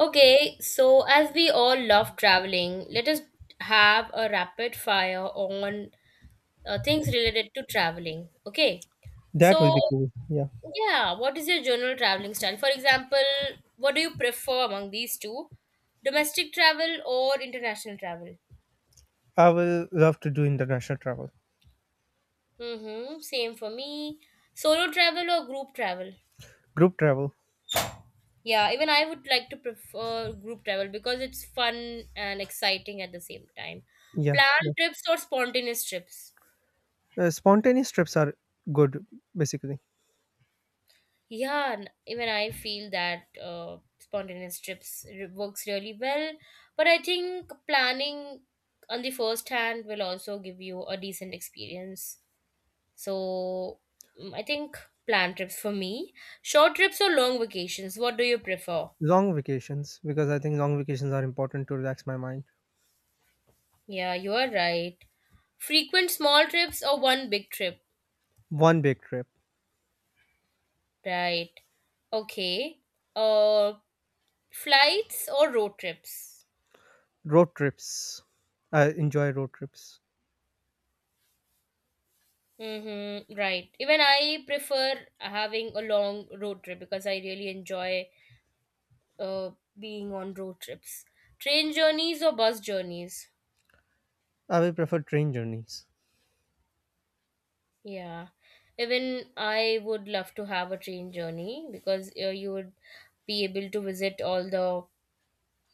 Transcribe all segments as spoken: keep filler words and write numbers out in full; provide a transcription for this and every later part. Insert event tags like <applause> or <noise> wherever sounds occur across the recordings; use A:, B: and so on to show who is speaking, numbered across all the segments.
A: Okay, so as we all love traveling, let us have a rapid fire on uh, things related to traveling. Okay,
B: That will
A: so
B: be cool. Yeah.
A: yeah, what is your general traveling style? For example, what do you prefer among these two? Domestic travel or international travel?
B: I will love to do international travel,
A: Mm-hmm, same for me. Solo travel or group travel?
B: group travel.
A: Yeah, even I would like to prefer group travel because it's fun and exciting at the same time.
B: Yeah. yeah.
A: Planned trips or spontaneous trips?
B: Uh, spontaneous trips are good, basically.
A: Yeah, and even I feel that uh, spontaneous trips re- works really well. But I think planning on the first hand will also give you a decent experience. So mm, I think plan trips for me. Short trips or long vacations, what do you prefer?
B: Long vacations, because I think long vacations are important to relax my mind.
A: Yeah, you are right. Frequent small trips or one big trip?
B: One big trip.
A: Right. Okay. Uh, flights or road trips?
B: Road trips. I enjoy road trips.
A: Mm-hmm, right. Even I prefer having a long road trip because I really enjoy uh, being on road trips. Train journeys or bus journeys?
B: I will prefer train journeys.
A: Yeah. Even I would love to have a train journey because uh, you would be able to visit all the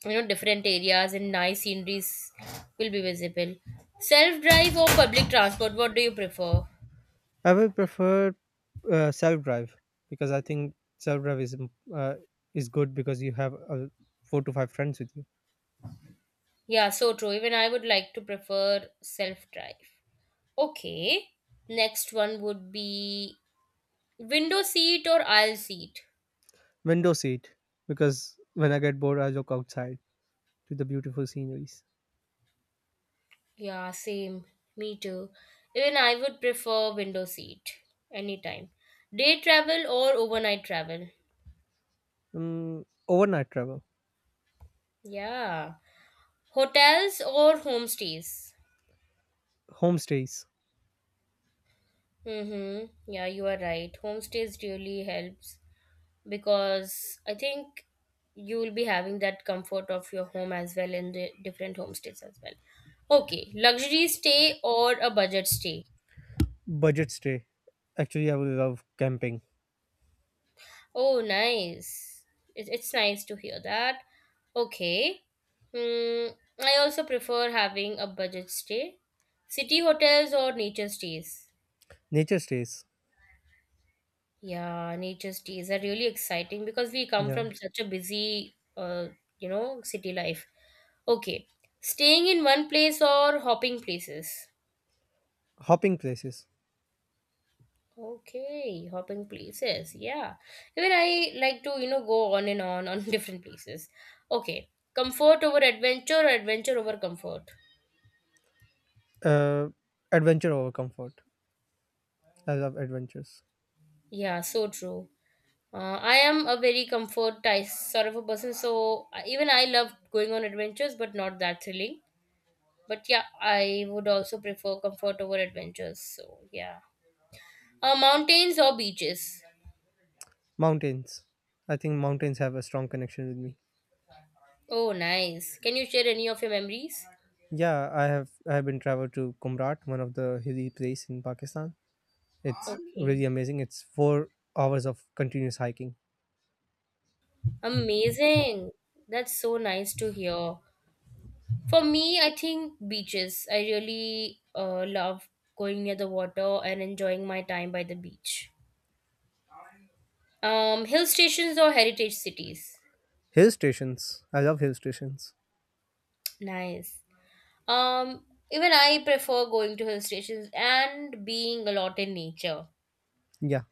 A: you know different areas and nice sceneries will be visible. Self drive or public transport? What do you prefer?
B: I will prefer uh, self drive because I think self drive is im- uh, is good because you have uh, four to five friends with you.
A: Yeah, so true. Even I would like to prefer self drive. Okay. Next one would be window seat or aisle seat.
B: Window seat because when I get bored, I look outside to the beautiful sceneries.
A: Yeah, same. Me too. Even I would prefer window seat anytime. Day travel or overnight travel.
B: Mm, overnight travel,
A: Yeah. Hotels or homestays.
B: homestays,
A: Mm-hmm. Yeah, you are right. Homestays really helps because I think you will be having that comfort of your home as well in the different homestays as well. Okay, luxury stay or a budget stay.
B: budget stay. Actually, I would love camping,
A: Oh, nice. It, it's nice to hear that. Okay. Mm, I also prefer having a budget stay. City hotels or nature stays?
B: nature stays,
A: Yeah, nature stays are really exciting because we come
B: yeah,
A: from such a busy, uh, you know, city life. Okay. Staying in one place or hopping places?
B: hopping places,
A: Okay, hopping places. Yeah. Even I like to, you know, go on and on on <laughs> different places. Okay. Comfort over adventure or adventure over comfort.
B: uh, adventure over comfort. I love adventures,
A: Yeah, so true. Uh, I am a very comfort type sort of a person, so I- even I love going on adventures, but not that thrilling. But yeah, I would also prefer comfort over adventures. So yeah. Uh, mountains or beaches?
B: mountains. I think mountains have a strong connection with me.
A: Oh, nice. Can you share any of your memories?
B: Yeah, I have I have been traveled to Kumrat, one of the hilly place in Pakistan. It's
A: Okay.
B: really amazing. It's four hours of continuous hiking.
A: Amazing. That's so nice to hear. For me, I think beaches. I really uh, love going near the water and enjoying my time by the beach. Um, hill stations or heritage cities.
B: Hill stations. I love hill stations.
A: Nice. Um, even I prefer going to hill stations and being a lot in nature.
B: Yeah,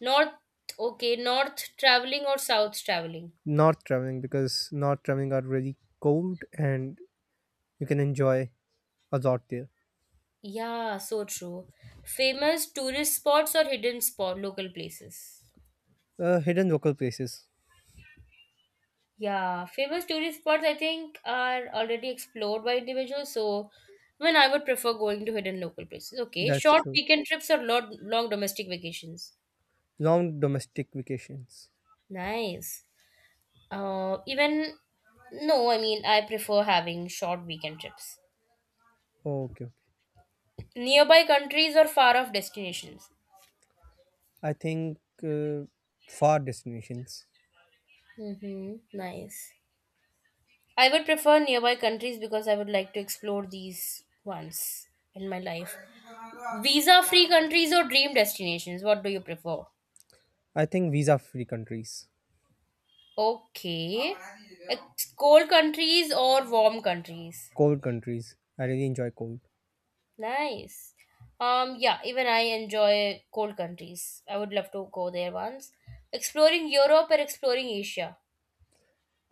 A: North, okay, north traveling or south traveling.
B: not traveling because not traveling are really cold and you can enjoy a lot there.
A: Yeah, so true. Famous tourist spots or hidden spot local places.
B: Uh, hidden local places.
A: Yeah, famous tourist spots I think are already explored by individuals, so I mean I would prefer going to hidden local places. Okay,
B: That's
A: short
B: true.
A: weekend trips or long, long domestic vacations.
B: Long domestic vacations.
A: Nice. Uh, even no, I mean I prefer having short weekend trips.
B: Okay, okay.
A: Nearby countries or far off destinations.
B: I think uh, far destinations.
A: Mm-hmm. Nice. I would prefer nearby countries because I would like to explore these once in my life. Visa free countries or dream destinations, what do you prefer?
B: I think visa free countries,
A: Okay. It's cold countries or warm countries.
B: cold countries. I really enjoy cold.
A: Nice. Um, yeah, even I enjoy cold countries. I would love to go there once. Exploring Europe or exploring Asia.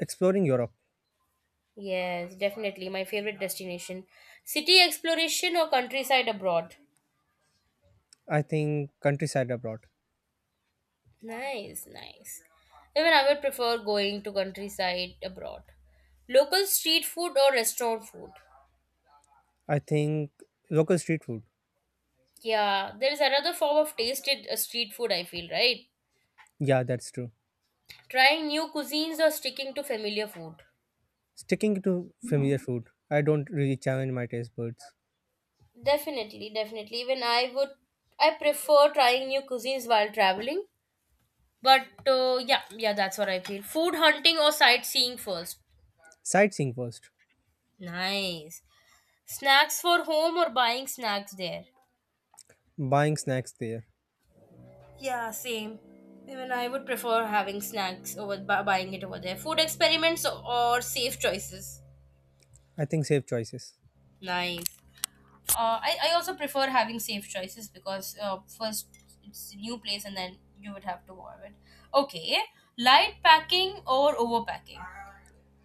B: Exploring Europe.
A: Yes, definitely my favorite destination. City exploration or countryside abroad.
B: I think countryside abroad.
A: Nice, nice. Even I would prefer going to countryside abroad. Local street food or restaurant food.
B: I think local street food.
A: Yeah, there is another form of tasted uh, street food, I feel, right?
B: Yeah, that's true.
A: Trying new cuisines or sticking to familiar food?
B: Sticking to familiar food. I don't really challenge my taste buds.
A: Definitely, definitely. Even I would, I prefer trying new cuisines while traveling. But uh, yeah, yeah, that's what I feel. Food hunting or sightseeing first.
B: Sightseeing first.
A: Nice. Snacks for home or buying snacks there?
B: Buying snacks there,
A: Yeah, same. Even I would prefer having snacks over bu- buying it over there. Food experiments or safe choices.
B: I think safe choices.
A: Nice. uh, I, I also prefer having safe choices because uh, first it's a new place and then you would have to warm it. Okay, light packing or overpacking?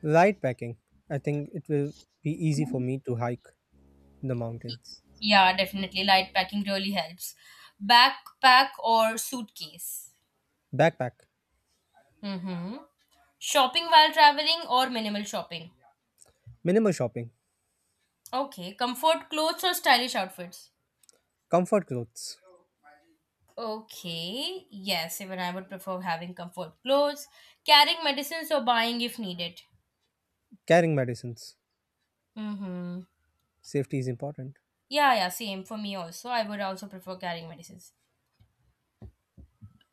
B: Light packing, I think it will be easy for me to hike in the mountains.
A: Yeah, definitely. Light packing really helps. Backpack or suitcase?
B: Backpack,
A: Mm-hmm. Shopping while traveling or minimal shopping?
B: minimal shopping,
A: Okay, comfort clothes or stylish outfits?
B: comfort clothes,
A: Okay, yes, even I would prefer having comfort clothes, carrying medicines or buying if needed.
B: carrying medicines.
A: Mm-hmm.
B: Safety is important.
A: Yeah, yeah, same for me also. I would also prefer carrying medicines.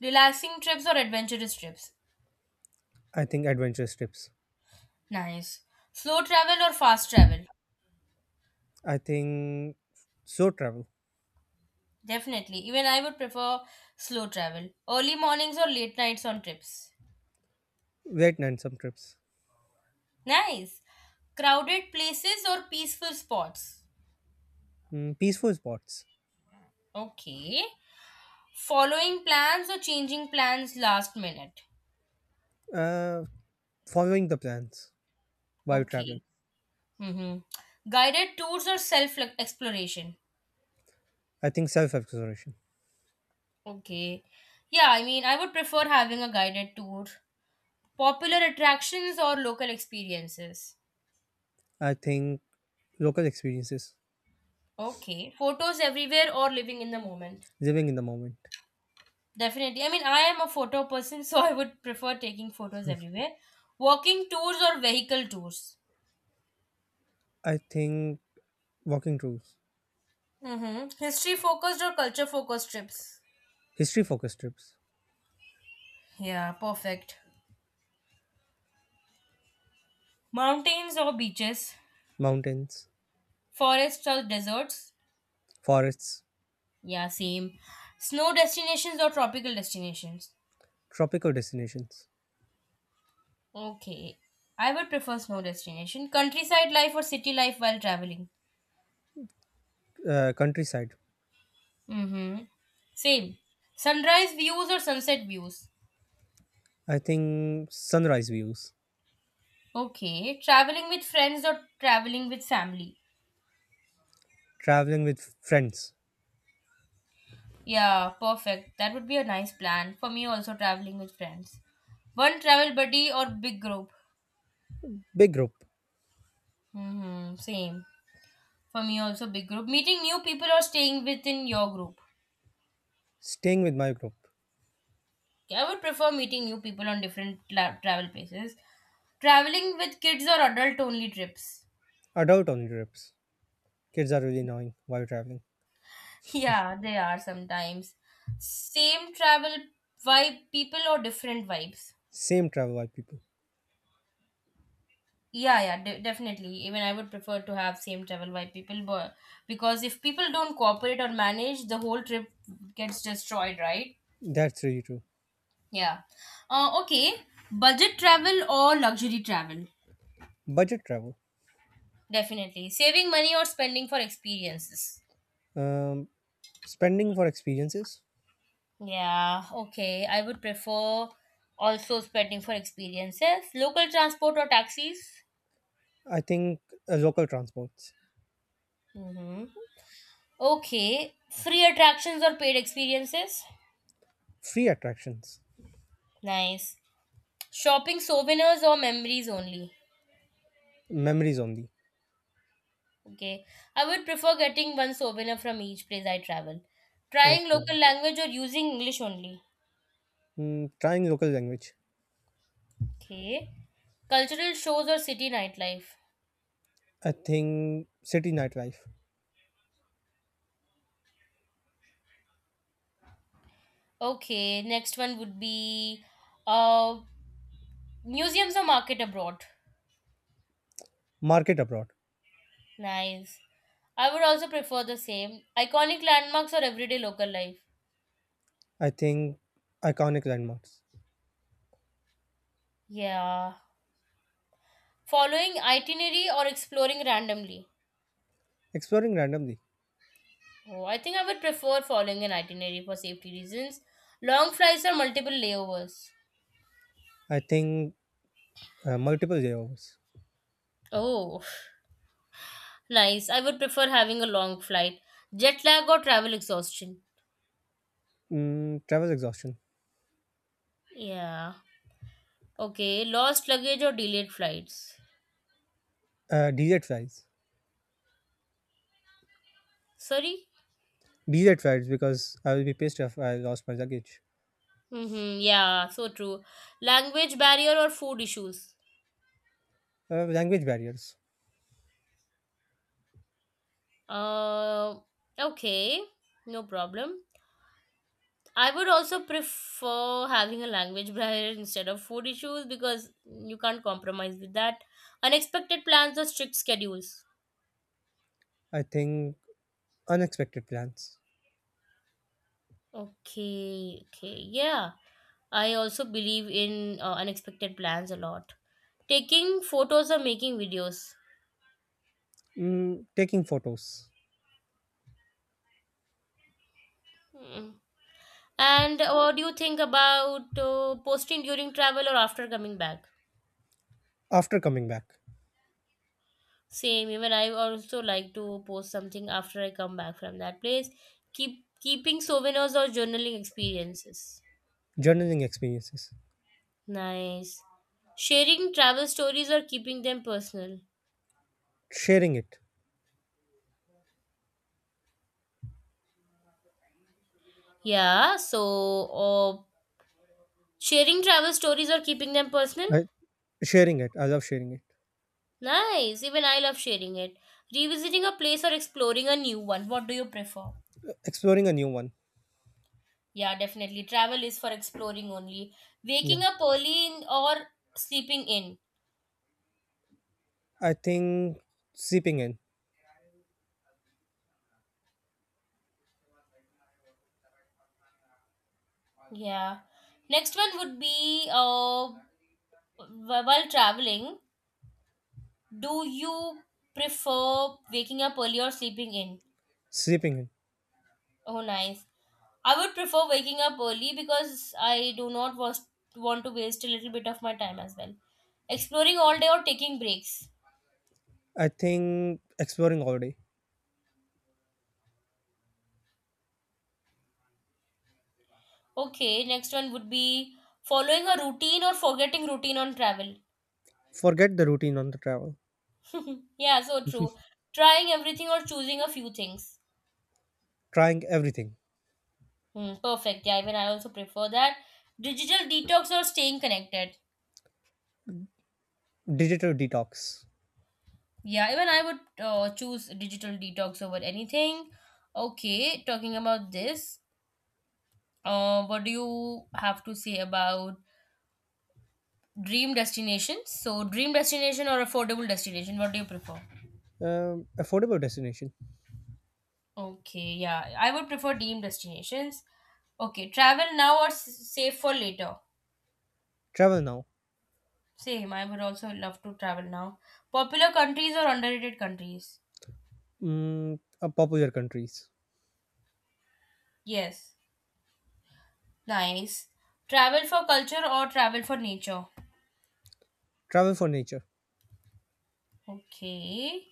A: Relaxing trips or adventurous trips?
B: I think adventurous trips.
A: Nice. Slow travel or fast travel?
B: I think slow travel,
A: Definitely. Even I would prefer slow travel. Early mornings or late nights on trips?
B: wait and some trips.
A: Nice. Crowded places or peaceful spots?
B: Mm, peaceful spots,
A: Okay. Following plans or changing plans last minute?
B: uh, following the plans while traveling.
A: Okay. Mm-hmm. Guided tours or self exploration?
B: I think self exploration.
A: Okay. Yeah, I mean, I would prefer having a guided tour. Popular attractions or local experiences?
B: I think local experiences,
A: Okay. Photos everywhere or living in the moment?
B: living in the moment.
A: Definitely. I mean, I am a photo person, <laughs> so I would prefer taking photos everywhere. Walking tours or vehicle tours?
B: I think walking tours.
A: Mm-hmm. History focused or culture focused trips?
B: History focused trips,
A: Yeah, perfect. Mountains or beaches?
B: mountains,
A: Forests or deserts?
B: forests,
A: Yeah, same. Snow destinations or tropical destinations?
B: tropical destinations,
A: Okay. I would prefer snow destination. Countryside life or city life while traveling?
B: uh, countryside.
A: Mm-hmm. Same. Sunrise views or sunset views.
B: I think sunrise views,
A: Okay. Traveling with friends or traveling with family.
B: traveling with friends,
A: Yeah, perfect. That would be a nice plan. For me also traveling with friends. One travel buddy or big group.
B: big group,
A: Mm-hmm. Same. For me also big group. Meeting new people or staying within your group.
B: staying with my group,
A: Yeah, I would prefer meeting new people on different la- travel places. Traveling with kids or adult only trips.
B: adult only trips. Kids are really annoying while traveling.
A: Yeah, they are sometimes. Same travel vibe people or different vibes?
B: Same travel while people.
A: Yeah, yeah, de- definitely. Even I would prefer to have same travel vibe people, but because if people don't cooperate or manage, the whole trip gets destroyed, right?
B: That's really true.
A: Yeah. Uh, okay. Budget travel or luxury travel?
B: Budget travel,
A: Definitely. Saving money or spending for experiences?
B: um, spending for experiences.
A: Yeah, okay. I would prefer also spending for experiences. Local transport or taxis?
B: I think uh, local transports,
A: Mm-hmm. Okay, free attractions or paid experiences?
B: free attractions,
A: Nice. Shopping souvenirs or memories only?
B: memories only.
A: Okay. I would prefer getting one souvenir from each place I travel. Trying local
B: Okay.
A: language or using English only?
B: Mm, trying local language,
A: Okay. Cultural shows or city nightlife?
B: I think city nightlife,
A: Okay, next one would be uh museums or market abroad.
B: market abroad.
A: Nice. I would also prefer the same. Iconic landmarks or everyday local life?
B: I think iconic landmarks.
A: Yeah. Following itinerary or exploring randomly?
B: Exploring randomly.
A: Oh, I think I would prefer following an itinerary for safety reasons. Long flights or multiple layovers?
B: I think uh, multiple layovers.
A: Oh, nice. I would prefer having a long flight. Jet lag or travel exhaustion?
B: Mm, travel exhaustion.
A: Yeah. Okay. Lost luggage or delayed flights?
B: Uh, desert flights.
A: Sorry?
B: Desert flights because I will be pissed if I lost my luggage.
A: Mm-hmm. Yeah, so true. Language barrier or food issues?
B: Uh, language barriers.
A: Uh, okay. No problem. I would also prefer having a language barrier instead of food issues because you can't compromise with that. Unexpected plans or strict schedules.
B: I think unexpected plans.
A: Okay, okay, yeah. I also believe in uh, unexpected plans a lot. Taking photos or making videos.
B: Mm, taking photos
A: Hmm. And what do you think about uh, posting during travel or after coming back?
B: after coming back.
A: Same, even I also like to post something after I come back from that place. Keep keeping souvenirs or journaling experiences.
B: Journaling experiences.
A: Nice. Sharing travel stories or keeping them personal.
B: Sharing it.
A: Yeah, so uh, sharing travel stories or keeping them personal.
B: I, Sharing it. I love sharing it.
A: Nice. Even I love sharing it. Revisiting a place or exploring a new one. What do you prefer?
B: Exploring a new one.
A: Yeah, definitely. Travel is for exploring only.
B: Yeah.
A: Waking up early in or sleeping in.
B: I think seeping in.
A: Yeah. Next one would be uh, wh- while traveling, do you prefer waking up early or sleeping in?
B: Sleeping in.
A: Oh, nice. I would prefer waking up early because I do not was- want to waste a little bit of my time as well. Exploring all day or taking breaks.
B: I think exploring all day.
A: Okay, next one would be following a routine or forgetting routine on travel.
B: Forget the routine on the travel.
A: <laughs> yeah, so true. Trying everything or choosing a few things.
B: Trying everything.
A: Hmm, perfect. Yeah, even I also prefer that. Digital detox or staying connected.
B: Digital detox.
A: Yeah, even I would uh, choose digital detox over anything. Okay, talking about this, uh, what do you have to say about dream destinations? So, dream destination or affordable destination? What do you prefer?
B: Um, affordable destination.
A: Okay, yeah, I would prefer dream destinations. Okay, travel now or s- save for later?
B: Travel now.
A: Same, I would also love to travel now. Popular countries or underrated countries?
B: Mm, uh, popular countries.
A: Yes. Nice. Travel for culture or travel for nature?
B: Travel for nature.
A: Okay.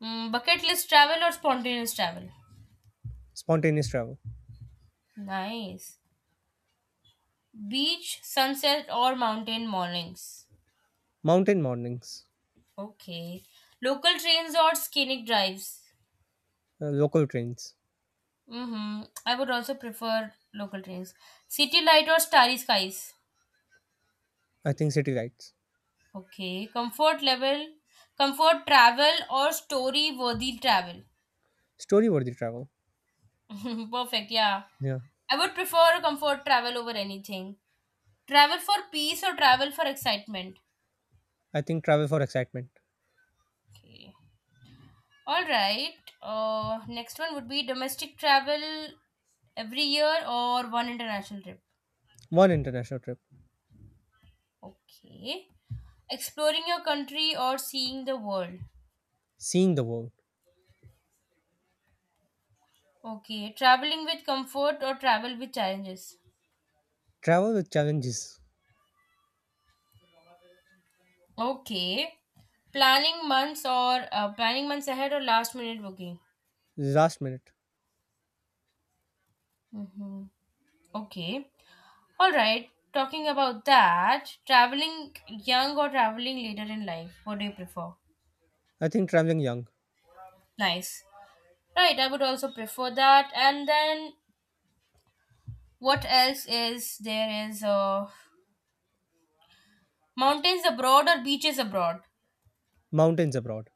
A: Mm, bucket list travel or spontaneous travel?
B: Spontaneous travel.
A: Nice. Beach, sunset, or mountain mornings?
B: Mountain mornings.
A: Okay. Local trains or scenic drives?
B: Uh, local trains.
A: Mm-hmm. I would also prefer local trains. City light or starry skies?
B: I think city lights.
A: Okay. Comfort level, comfort travel or story worthy travel?
B: Story worthy travel.
A: <laughs> Perfect, yeah.
B: Yeah.
A: I would prefer comfort travel over anything. Travel for peace or travel for excitement?
B: I think travel for excitement.
A: Okay. All right. Uh, next one would be domestic travel every year or one international trip.
B: One international trip.
A: Okay. Exploring your country or seeing the world.
B: Seeing the world.
A: Okay. Traveling with comfort or travel with challenges.
B: Travel with challenges.
A: Okay. Planning months or uh, planning months ahead or last minute booking.
B: Last minute.
A: Mm-hmm. Okay. All right, talking about that, traveling young or traveling later in life, what do you prefer?
B: I think traveling young.
A: Nice. Right, I would also prefer that. And then what else is there is uh, mountains abroad or beaches abroad?
B: Mountains abroad.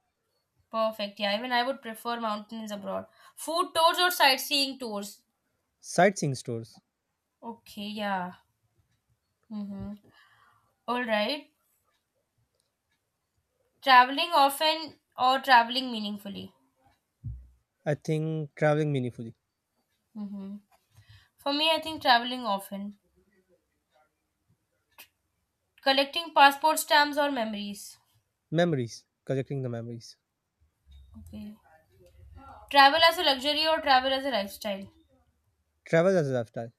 A: Perfect. Yeah, even I would prefer mountains abroad. Food tours or sightseeing tours?
B: Sightseeing stores.
A: Okay, yeah. Mm-hmm. All right. Traveling often or traveling meaningfully?
B: I think traveling meaningfully,
A: Mm-hmm. For me, I think traveling often. Collecting passport stamps or memories.
B: memories, collecting the memories,
A: Okay. Travel as a luxury or travel as a lifestyle.
B: travel as a lifestyle,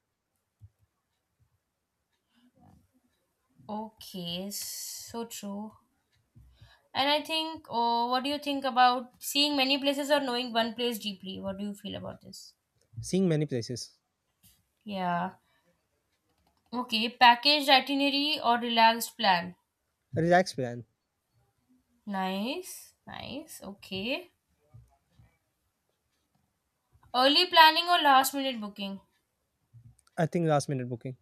A: Okay, so true. And I think oh, what do you think about seeing many places or knowing one place deeply, what do you feel about this?
B: seeing many places,
A: Yeah. Okay, packaged itinerary or relaxed plan.
B: a relaxed plan.
A: Nice, nice. Okay, early planning or last minute booking.
B: I think last minute booking,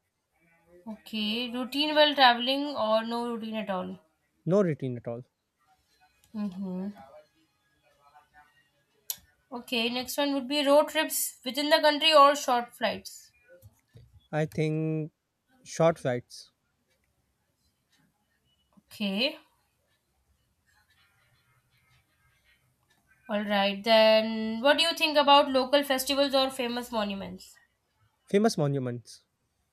A: Okay, routine while traveling or no routine at all.
B: no routine at all.
A: Mm-hmm. Okay, next one would be road trips within the country or short flights.
B: I think short flights,
A: Okay, all right. Then, what do you think about local festivals or famous monuments?
B: famous monuments,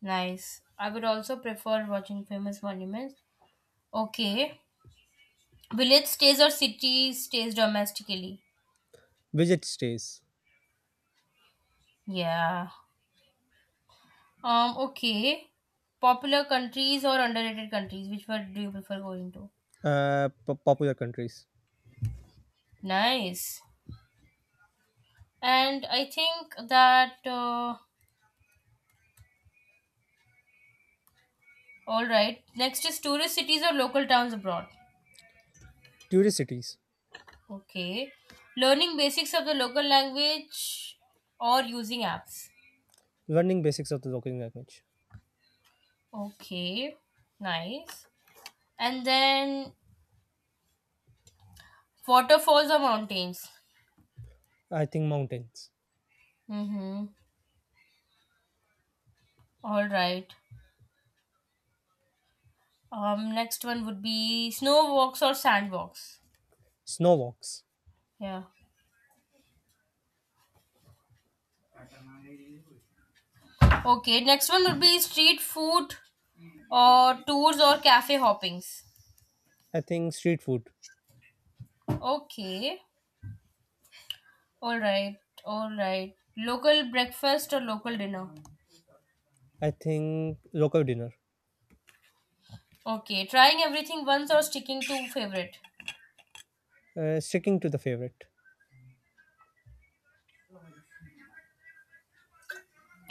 A: Nice. I would also prefer watching famous monuments. Okay, village stays or city stays domestically.
B: visit stays,
A: Yeah. Um. Okay. Popular countries or underrated countries? Which one do you prefer going to?
B: uh, po- popular countries,
A: Nice. And I think that. Uh, All right. Next is tourist cities or local towns abroad.
B: tourist cities,
A: Okay. Learning basics of the local language or using apps.
B: learning basics of the local language.
A: Okay. Nice. And then waterfalls or mountains.
B: I think mountains,
A: Mm-hmm. All right. Um, next one would be snow walks or sand walks.
B: snow walks.
A: Yeah. Okay. Next one would be street food or tours or cafe hoppings.
B: I think street food.
A: Okay. All right, all right. Local breakfast or local dinner?
B: I think local dinner,
A: Okay, trying everything once or sticking to favorite?
B: uh, sticking to the favorite,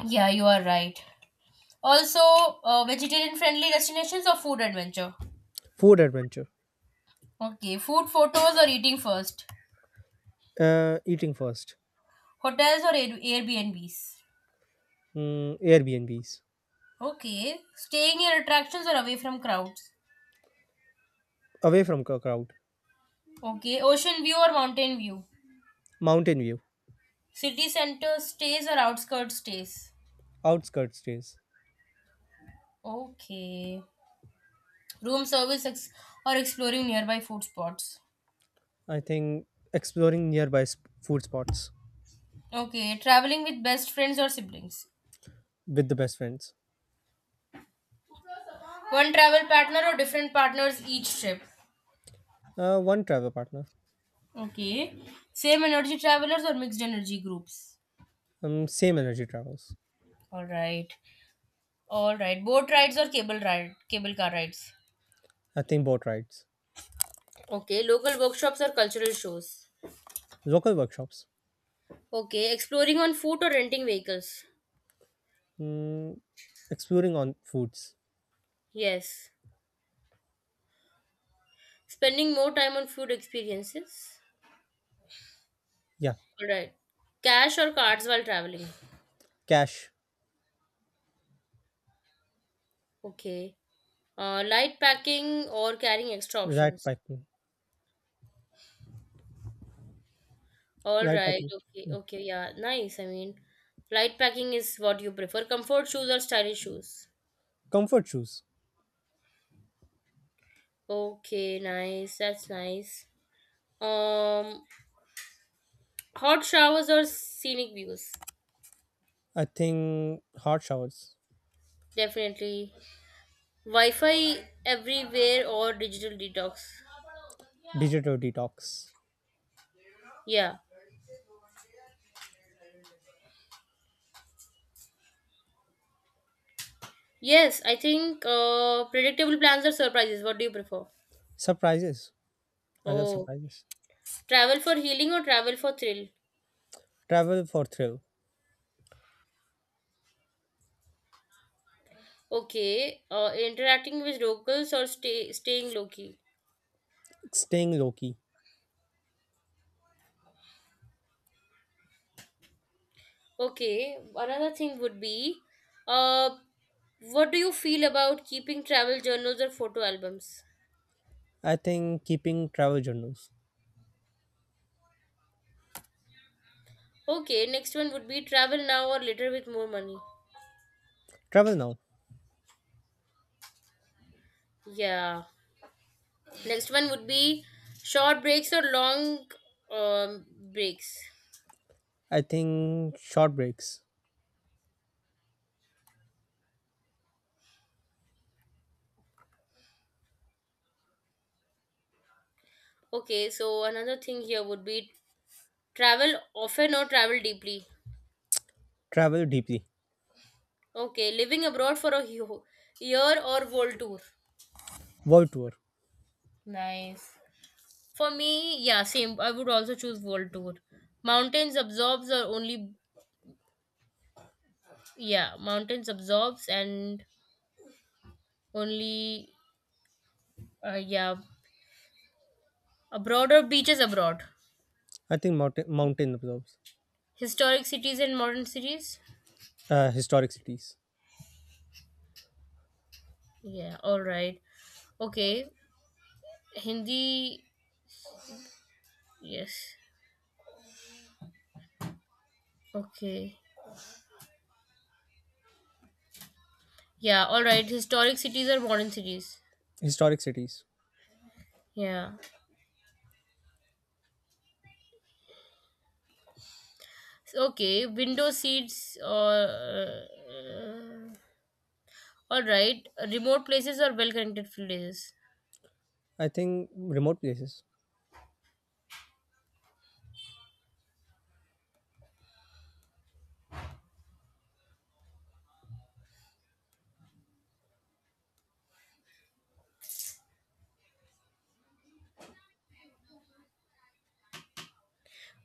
A: Yeah, you are right. Also, uh, vegetarian friendly destinations or food adventure?
B: food adventure,
A: Okay, food photos or eating first?
B: uh, eating first.
A: Hotels or Air- Airbnbs?
B: Mm, Airbnbs,
A: Okay, staying near attractions or away from crowds?
B: away from cr- crowd,
A: Okay, ocean view or mountain view?
B: mountain view,
A: City center stays or outskirts stays?
B: outskirts stays.
A: Okay, room service ex- or exploring nearby food spots?
B: I think exploring nearby sp- food spots
A: Okay, traveling with best friends or siblings.
B: with the best friends.
A: One travel partner or different partners each trip.
B: Uh, one travel partner,
A: Okay. Same energy travelers or mixed energy groups.
B: um, same energy travels.
A: All right. All right. Boat rides or cable ride cable car rides.
B: I think boat rides,
A: Okay. Local workshops or cultural shows.
B: local workshops,
A: Okay. Exploring on foot or renting vehicles.
B: mm, exploring on foods.
A: Yes. Spending more time on food experiences.
B: Yeah,
A: All right. Cash or cards while traveling.
B: cash,
A: Okay. Uh, light packing or carrying extra
B: right
A: options.
B: packing,
A: All
B: right
A: right.
B: packing.
A: Okay.
B: Yeah.
A: Okay. Yeah. Nice. I mean, light packing is what you prefer. Comfort shoes or stylish shoes?
B: Comfort shoes.
A: Okay. Nice. That's nice. Um, Hot showers or scenic views?
B: I think hot showers,
A: Definitely. Wi-Fi everywhere or digital detox?
B: digital detox,
A: Yeah. Yes. I think uh, predictable plans or surprises. What do you prefer?
B: surprises. I love
A: Oh,
B: surprises.
A: travel for healing or travel for thrill?
B: Travel for thrill,
A: Okay. Uh, interacting with locals or stay staying low key?
B: staying low key.
A: Okay, another thing would be uh, what do you feel about keeping travel journals or photo albums?
B: I think keeping travel journals.
A: Okay, next one would be travel now or later with more money.
B: Travel now.
A: Yeah. Next one would be short breaks or long um, breaks.
B: I think short breaks.
A: Okay, so another thing here would be travel often or travel deeply.
B: Travel deeply.
A: Okay, living abroad for a <laughs> yo- year or world tour.
B: World tour.
A: Nice. For me, yeah, same. I would also choose world tour. Mountains absorbs or only yeah, mountains absorbs and only uh, yeah, a broader beaches abroad.
B: I think mountain mountain observes.
A: Historic cities and modern cities.
B: Uh, historic cities.
A: Yeah, all right. Okay. Hindi yes. Okay. Yeah, all right. Historic cities or modern cities.
B: Historic cities.
A: Yeah. Okay, window seats or uh, all right, remote places or well connected places.
B: I think remote places.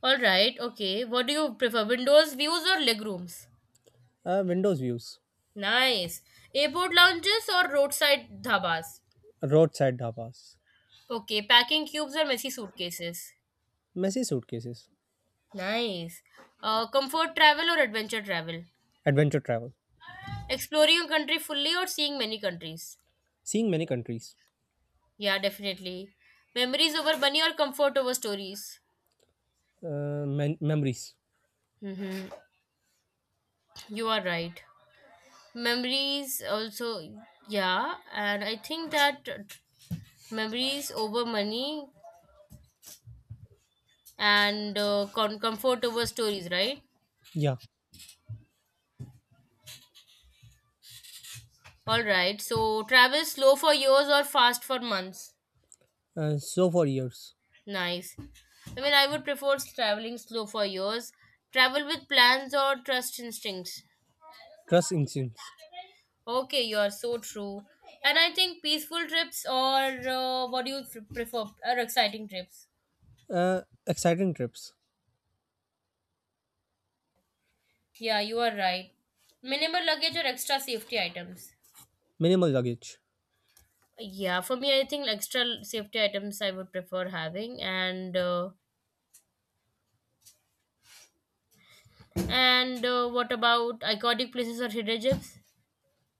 A: All right, okay. What do you prefer, windows views or legrooms?
B: Uh, windows views.
A: Nice. Airport lounges or roadside dhabas?
B: Roadside dhabas.
A: Okay, packing cubes or messy suitcases.
B: Messy suitcases.
A: Nice. Uh, comfort travel or adventure travel?
B: Adventure travel.
A: Exploring a country fully or seeing many countries?
B: Seeing many countries.
A: Yeah, definitely. Memories over money or comfort over stories?
B: Uh, mem- memories.
A: Mm-hmm. You are right. Memories also, yeah, and I think that uh, memories over money and uh, com- comfortable stories, right?
B: Yeah.
A: All right. So travel slow for years or fast for months.
B: Uh, so for years.
A: Nice. I mean, I would prefer traveling slow for years. Travel with plans or trust instincts.
B: Trust instincts.
A: Okay, you are so true. And I think peaceful trips or uh, what do you f- prefer? Or exciting trips.
B: Uh, exciting trips.
A: Yeah, you are right. Minimal luggage or extra safety items.
B: Minimal luggage.
A: Yeah, for me, I think extra safety items I would prefer having and. Uh, And uh, what about iconic places or hidden gems?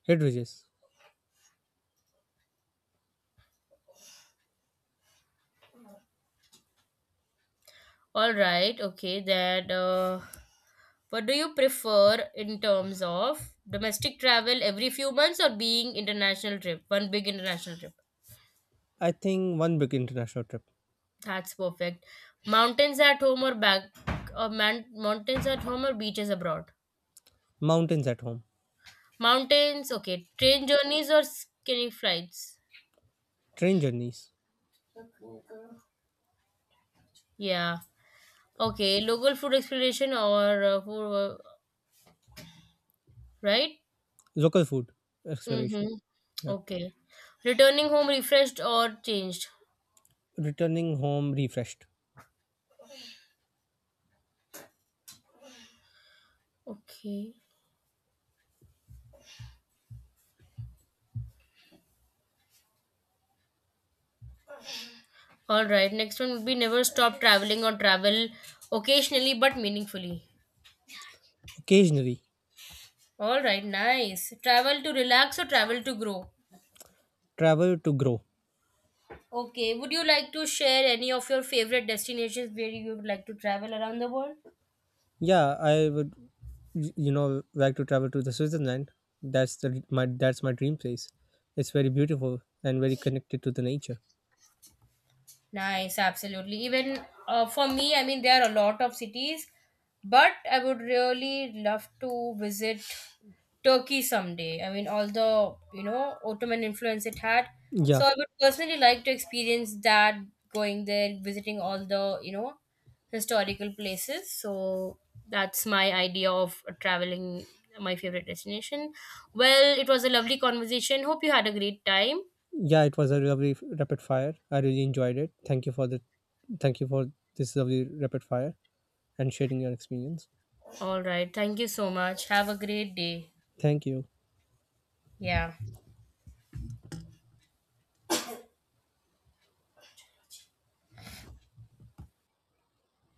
B: Hit ridges.
A: All right, okay. Then, uh, what do you prefer in terms of domestic travel every few months or being international trip? One big international trip.
B: I think one big international trip.
A: That's perfect. Mountains at home or back, or man- Mountains at home or beaches abroad.
B: Mountains at home,
A: Mountains, okay. Train journeys or skinny flights.
B: train journeys,
A: Yeah. Okay. Local food exploration or uh, food, uh, right?
B: local food exploration.
A: Mm-hmm.
B: Yeah,
A: Okay. Returning home refreshed or changed.
B: returning home refreshed.
A: Okay. All right. Next one would be never stop traveling or travel occasionally but meaningfully.
B: Occasionally,
A: All right. Nice. Travel to relax or travel to grow.
B: travel to grow.
A: Okay. Would you like to share any of your favorite destinations where you would like to travel around the world?
B: Yeah, I would, y- you know, like to travel to the Switzerland. That's the my that's my dream place. It's very beautiful and very connected to the nature.
A: Nice, absolutely. Even uh, for me, I mean, there are a lot of cities, but I would really love to visit Turkey someday. I mean, all the, you know, Ottoman influence it had.
B: Yeah,
A: So I would personally like to experience that going there, visiting all the, you know, historical places. So that's my idea of uh, traveling, my favorite destination. Well, it was a lovely conversation. Hope you had a great time.
B: yeah, it was a lovely f- rapid fire. I really enjoyed it. Thank you for the, thank you for this lovely rapid fire and sharing your experience.
A: All right. Thank you so much. Have a great day.
B: Thank you.
A: Yeah.